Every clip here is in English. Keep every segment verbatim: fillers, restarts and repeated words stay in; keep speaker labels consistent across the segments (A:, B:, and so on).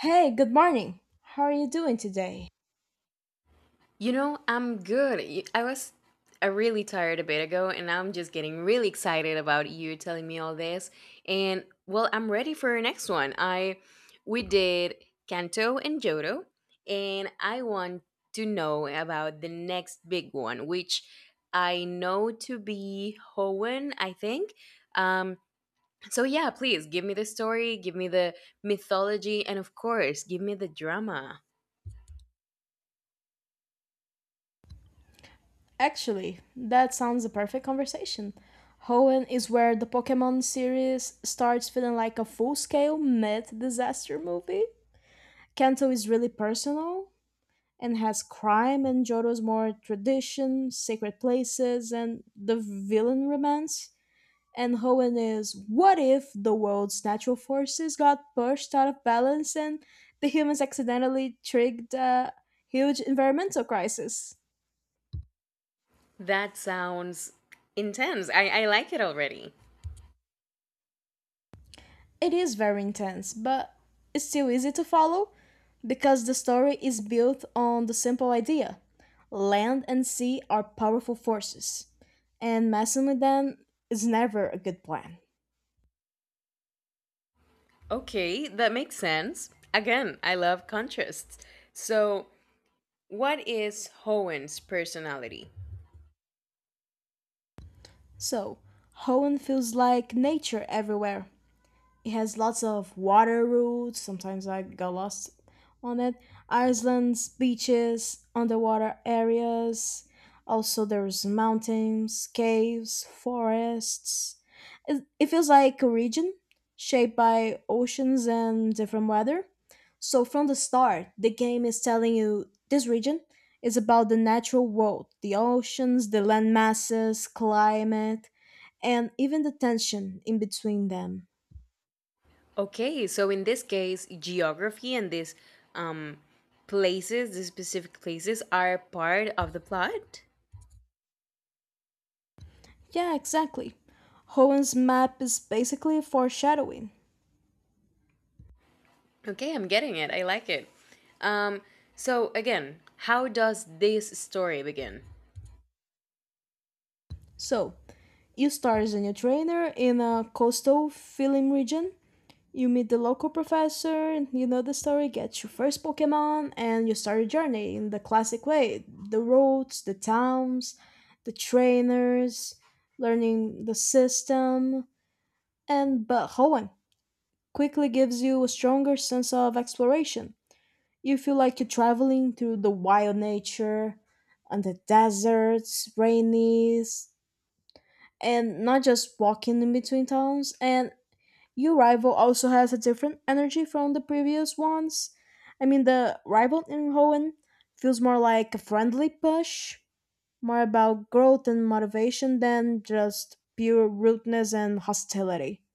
A: Hey, good morning. How are you doing today?
B: You know, I'm good. Y- I was uh, really tired a bit ago, and I'm just getting really excited about you telling me all this. And well, I'm ready for our next one. I we did Kanto and Johto, and I want to know about the next big one, which I know to be Hoenn, I think. Um, so yeah, please give me the story, give me the mythology, and of course, give me the drama.
A: Actually, that sounds a perfect conversation. Hoenn is where the Pokemon series starts feeling like a full scale myth disaster movie. Kanto is really personal and has crime, and Johto's more tradition, secret places, and the villain romance. And Hoenn is what if the world's natural forces got pushed out of balance and the humans accidentally triggered a huge environmental crisis?
B: That sounds intense. I, I like it already.
A: It is very intense, but it's still easy to follow because the story is built on the simple idea land and sea are powerful forces, and messing with them is never a good plan.
B: Okay, that makes sense. Again, I love contrasts. So, what is Hohen's personality?
A: So, Hoenn feels like nature everywhere it has lots of water routes. Sometimes I got lost on it. Islands, beaches, underwater areas. Also, there's mountains, caves, forests. It, it feels like a region shaped by oceans and different weather. So, from the start, the game is telling you this region is about the natural world, the oceans, the land masses, climate, and even the tension in between them.
B: Okay, so in this case, geography and these um, places, these specific places, are part of the plot.
A: Yeah, exactly. Hoen's map is basically foreshadowing.
B: Okay, I'm getting it. I like it. Um, so, again, how does this story begin?
A: So, you start as a new trainer in a coastal film region, you meet the local professor, you know the story, get your first Pokemon, and you start your journey in the classic way the roads, the towns, the trainers, learning the system, and but Hoenn quickly gives you a stronger sense of exploration. You feel like you're traveling through the wild nature and the deserts, rainies, and not just walking in between towns. And your rival also has a different energy from the previous ones. I mean, the rival in Hoenn feels more like a friendly push, more about growth and motivation than just pure rudeness and hostility.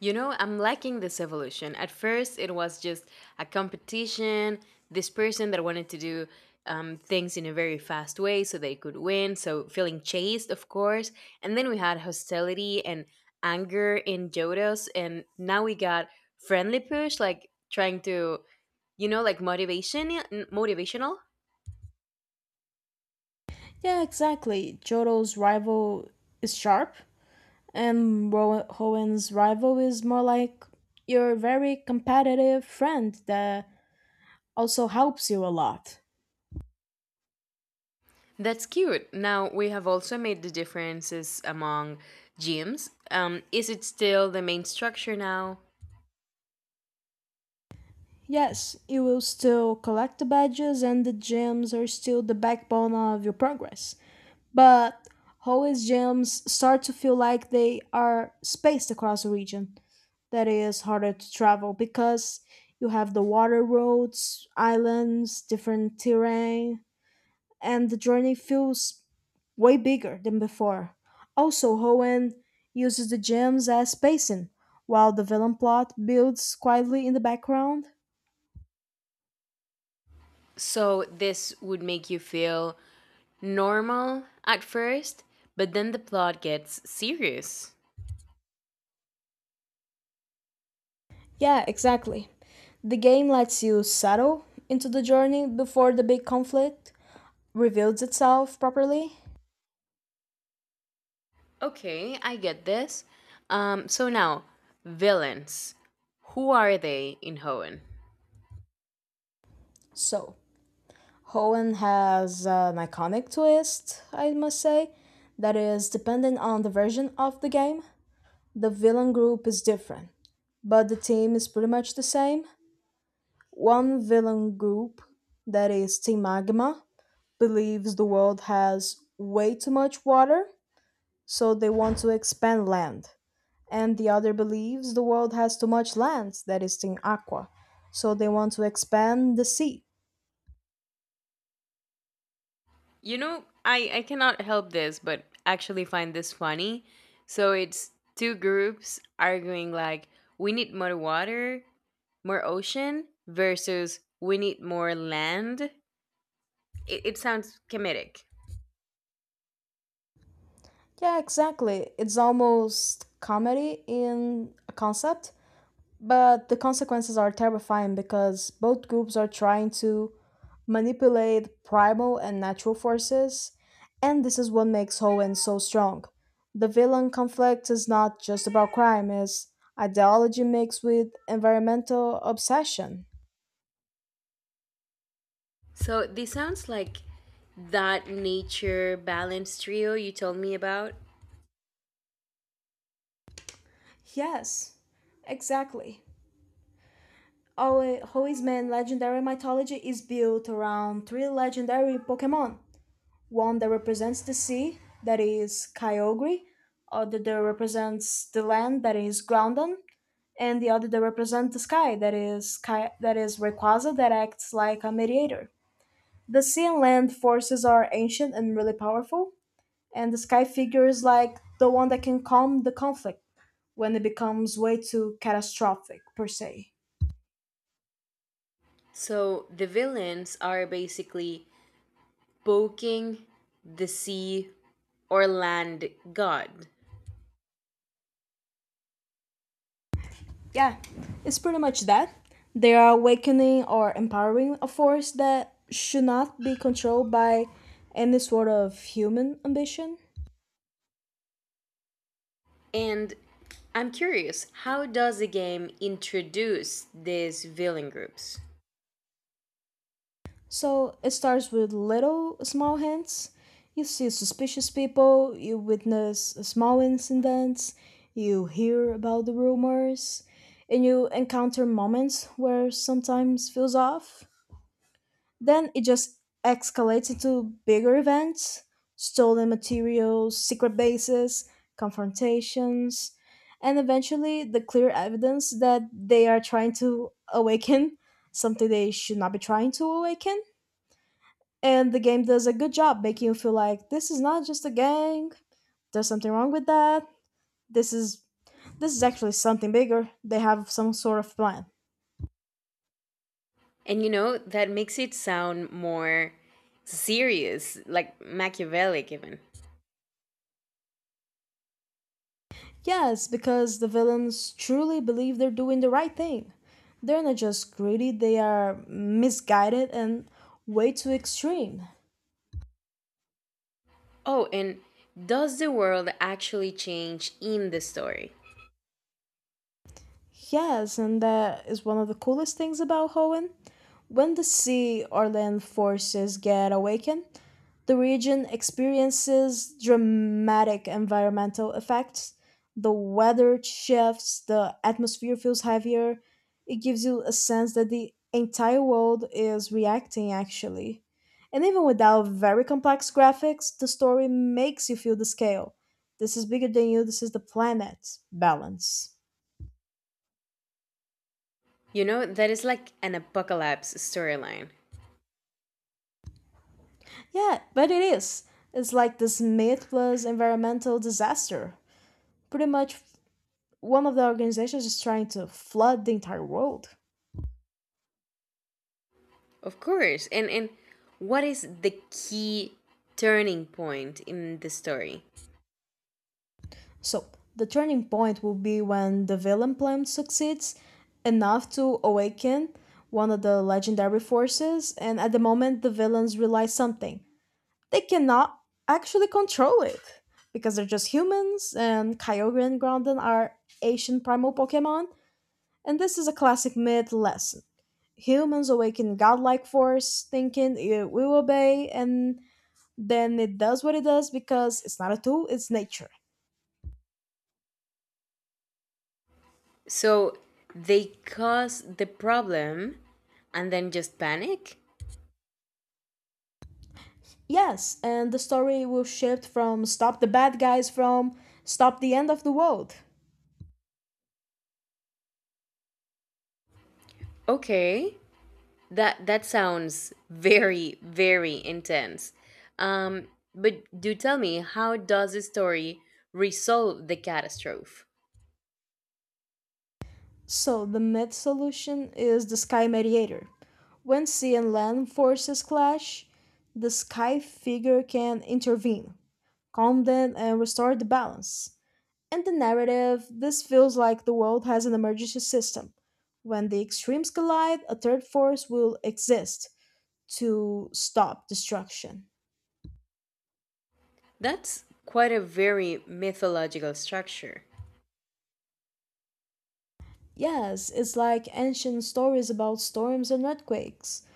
B: You know, I'm liking this evolution. At first, it was just a competition, this person that wanted to do um, things in a very fast way so they could win, so feeling chased, of course. And then we had hostility and anger in Jodos, and now we got friendly push, like trying to, you know, like motivation, motivational.
A: Yeah, exactly. Jodo's rival is sharp, and Ro- Hoen's rival is more like your very competitive friend that also helps you a lot.
B: That's cute. Now we have also made the differences among gyms. Um, is it still the main structure now?
A: Yes, you will still collect the badges, and the gems are still the backbone of your progress. But always gems start to feel like they are spaced across the region. That is harder to travel because you have the water roads, islands, different terrain, and the journey feels way bigger than before. Also, Hoenn uses the gems as spacing, while the villain plot builds quietly in the background.
B: So this would make you feel normal at first, but then the plot gets serious.
A: Yeah, exactly. The game lets you settle into the journey before the big conflict reveals itself properly.
B: Okay, I get this. Um, so now, villains. Who are they in Hoenn?
A: So, Hoenn has an iconic twist, I must say, that is dependent on the version of the game. The villain group is different, but the team is pretty much the same. One villain group, that is Team Magma, believes the world has way too much water so they want to expand land. And the other believes the world has too much land that is in aqua, so they want to expand the sea.
B: You know, I, I cannot help this, but actually find this funny. So it's two groups arguing like, we need more water, more ocean, versus we need more land. It, it sounds comedic.
A: Yeah, exactly. It's almost comedy in a concept, but the consequences are terrifying because both groups are trying to manipulate primal and natural forces, and this is what makes Hoenn so strong. The villain conflict is not just about crime, it's ideology mixed with environmental obsession.
B: So this sounds like that nature balance trio you told me about.
A: Yes, exactly. Hoenn- Hoenn's main legendary mythology is built around three legendary Pokemon, one that represents the sea, that is Kyogre, other that represents the land, that is Groudon, and the other that represents the sky, that is Ky- that is Rayquaza, that acts like a mediator. The sea and land forces are ancient and really powerful, and the sky figure is like the one that can calm the conflict when it becomes way too catastrophic per se.
B: So the villains are basically poking the sea, or land god.
A: Yeah, it's pretty much that. They are awakening or empowering a force that should not be controlled by any sort of human ambition.
B: And I'm curious, how does the game introduce these villain groups?
A: So it starts with little small hints. You see suspicious people, you witness small incidents, you hear about the rumors, and you encounter moments where sometimes feels off. Then it just escalates into bigger events, stolen materials, secret bases, confrontations, and eventually the clear evidence that they are trying to awaken something they should not be trying to awaken. And the game does a good job making you feel like this is not just a gang, there's something wrong with that. This is this is actually something bigger. They have some sort of plan.
B: And you know, that makes it sound more serious, like Machiavellic even.
A: Yes, because the villains truly believe they're doing the right thing. They're not just greedy, they are misguided and way too extreme.
B: Oh, and does the world actually change in the story?
A: Yes, and that is one of the coolest things about Hoenn. When the sea or land forces get awakened, the region experiences dramatic environmental effects. The weather shifts, the atmosphere feels heavier. It gives you a sense that the entire world is reacting, actually. And even without very complex graphics, the story makes you feel the scale. This is bigger than you, this is the planet. Balance.
B: You know, that is like an apocalypse storyline.
A: Yeah, but it is. It's like this mythless environmental disaster. Pretty much, one of the organizations is trying to flood the entire world.
B: Of course. And and what is the key turning point in the story?
A: So, the turning point will be when the villain plan succeeds enough to awaken one of the legendary forces, and at the moment, the villains realize something. They cannot actually control it because they're just humans, and Kyogre and Groudon are ancient primal Pokemon, and this is a classic myth lesson. Humans awaken godlike force, thinking it will obey, and then it does what it does because it's not a tool, it's nature.
B: So they cause the problem and then just panic?
A: Yes, and the story will shift from stop the bad guys from stop the end of the world.
B: Okay. That that sounds very very intense. Um but do tell me, how does the story resolve the catastrophe?
A: So the myth solution is the sky mediator. When sea and land forces clash, the sky figure can intervene, calm them, and restore the balance. And the narrative, this feels like the world has an emergency system. When the extremes collide, a third force will exist to stop destruction.
B: That's quite a very mythological structure.
A: Yes, it's like ancient stories about storms and earthquakes.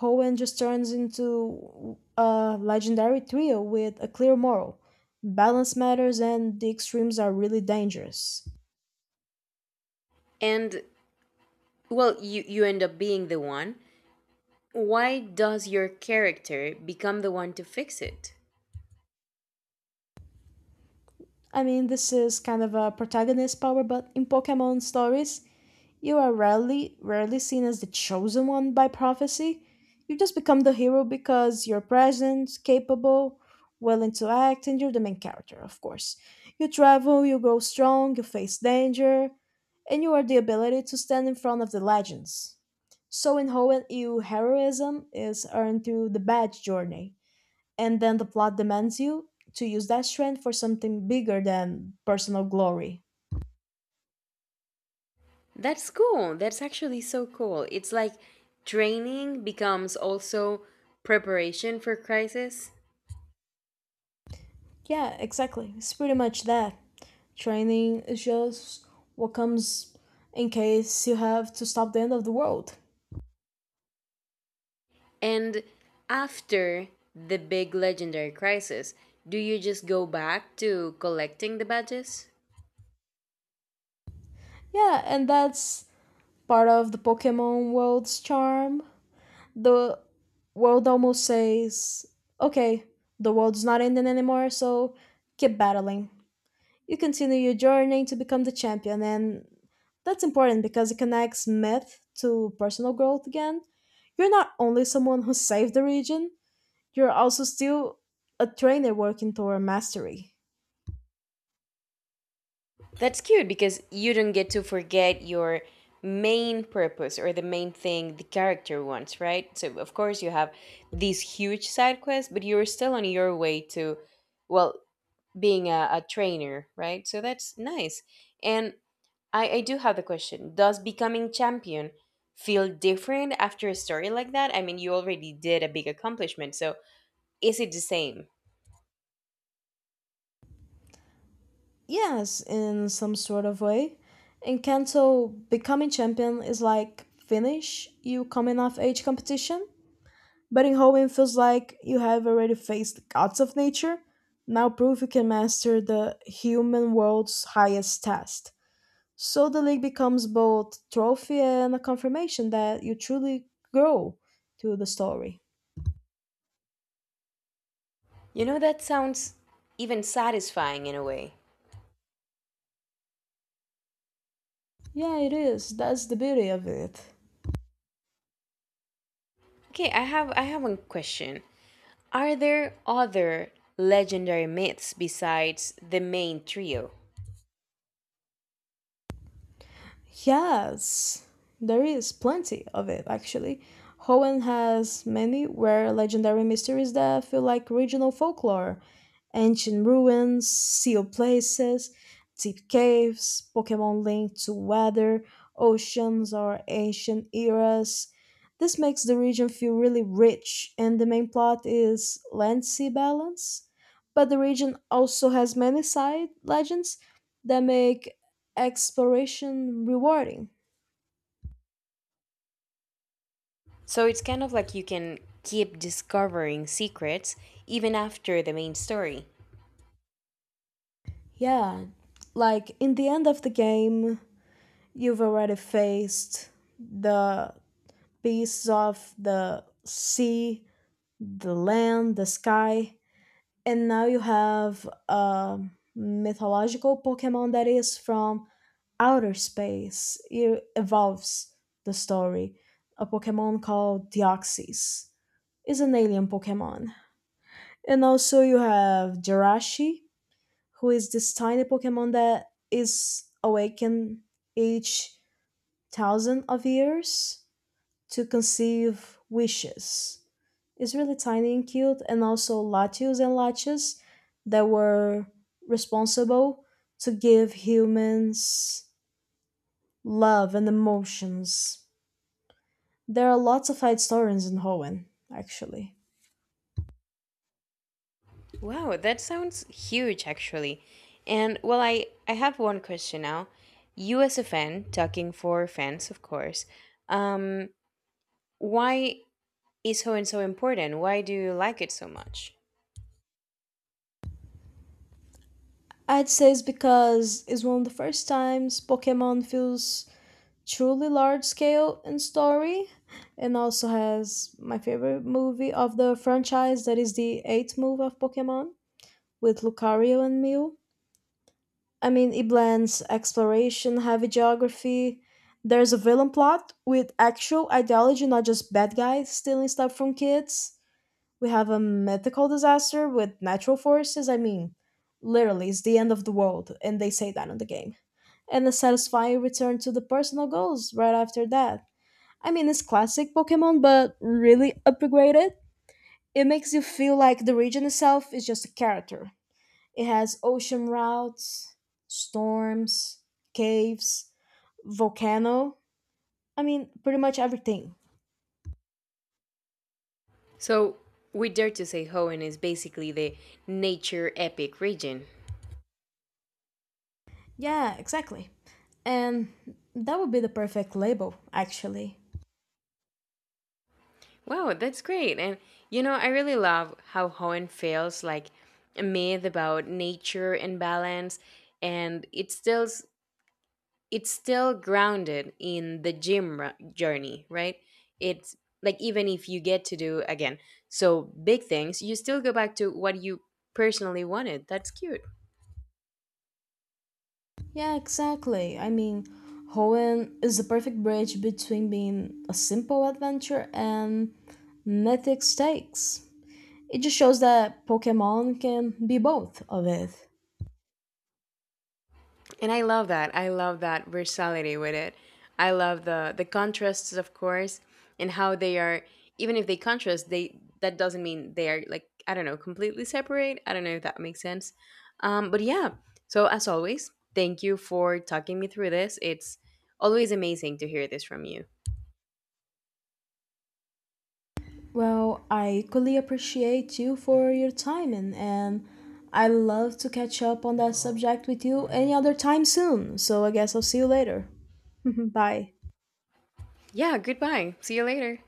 A: Hoenn just turns into a legendary trio with a clear moral. Balance matters and the extremes are really dangerous.
B: And well, you, you end up being the one. Why does your character become the one to fix it?
A: I mean, this is kind of a protagonist power, but in Pokemon stories, you are rarely rarely seen as the chosen one by prophecy. You just become the hero because you're present, capable, willing to act, and you're the main character, of course. You travel, you grow strong, you face danger, and you are the ability to stand in front of the legends. So in Hoenn, you heroism is earned through the bad journey, and then the plot demands you to use that strength for something bigger than personal glory.
B: That's cool. That's actually so cool. It's like training becomes also preparation for crisis.
A: Yeah, exactly. It's pretty much that. Training is just what comes in case you have to stop the end of the world.
B: And after the big legendary crisis, do you just go back to collecting the badges?
A: Yeah, and that's part of the Pokemon world's charm. The world almost says, okay, the world's not ending anymore, so keep battling. You continue your journey to become the champion, and that's important because it connects myth to personal growth again. You're not only someone who saved the region, you're also still a trainer working toward mastery.
B: That's cute because you don't get to forget your main purpose or the main thing the character wants, right? So, of course, you have these huge side quests, but you're still on your way to, well, being a, a trainer, right? So, that's nice. And I, I do have the question, does becoming champion feel different after a story like that? I mean, you already did a big accomplishment, so is it the same?
A: Yes, in some sort of way. In Kanto, becoming champion is like finish you coming off age competition. But in Hoenn feels like you have already faced the gods of nature. Now prove you can master the human world's highest test. So the league becomes both trophy and a confirmation that you truly grow to the story.
B: You know, that sounds even satisfying in a way.
A: Yeah, it is. That's the beauty of it.
B: Okay, I have I have one question. Are there other legendary myths besides the main trio?
A: Yes, there is plenty of it actually. Hoenn has many rare legendary mysteries that feel like regional folklore, ancient ruins, sealed places, deep caves, Pokemon linked to weather, oceans, or ancient eras. This makes the region feel really rich, and the main plot is land sea balance. But the region also has many side legends that make exploration rewarding.
B: So it's kind of like you can keep discovering secrets even after the main story.
A: Yeah, like in the end of the game, you've already faced the beasts of the sea, the land, the sky, and now you have a mythological Pokemon that is from outer space. It evolves the story. A Pokemon called Deoxys is an alien Pokemon. And also you have Jirachi, who is this tiny Pokemon that is awakened each thousand of years to conceive wishes. It's really tiny and cute, and also Latios and Latias that were responsible to give humans love and emotions. There are lots of side stories in Hoenn, actually.
B: Wow, that sounds huge actually. And well, I, I have one question now. You, as a fan, talking for fans, of course, um, why is Hoenn so important? Why do you like it so much?
A: I'd say it's because it's one of the first times Pokemon feels truly large scale in story, and also has my favorite movie of the franchise, that is the eighth movie of Pokemon with Lucario and Mew. I mean, it blends exploration heavy geography, there's a villain plot with actual ideology, not just bad guys stealing stuff from kids. We have a mythical disaster with natural forces. I mean, literally it's the end of the world and they say that in the game, and a satisfying return to the personal goals right after that. I mean, it's classic Pokemon, but really upgraded. It makes you feel like the region itself is just a character. It has ocean routes, storms, caves, volcano. I mean, pretty much everything.
B: So, we dare to say Hoenn is basically the nature epic region.
A: Yeah, exactly. And that would be the perfect label, actually.
B: Wow, that's great. And you know, I really love how Hoenn feels like a myth about nature and balance and it's still it's still grounded in the gym ru- journey, right? It's like even if you get to do again so big things, you still go back to what you personally wanted. That's cute.
A: Yeah, exactly. I mean, Hoenn is the perfect bridge between being a simple adventure and mythic stakes. It just shows that Pokemon can be both of it.
B: And I love that. I love that versatility with it. I love the the contrasts, of course, and how they are. Even if they contrast, they that doesn't mean they are like, I don't know, completely separate. I don't know if that makes sense. Um, but yeah. So as always, thank you for talking me through this. It's always amazing to hear this from you.
A: Well, I equally appreciate you for your time, and, and I love to catch up on that subject with you any other time soon. So I guess I'll see you later. Bye.
B: Yeah. Goodbye. See you later.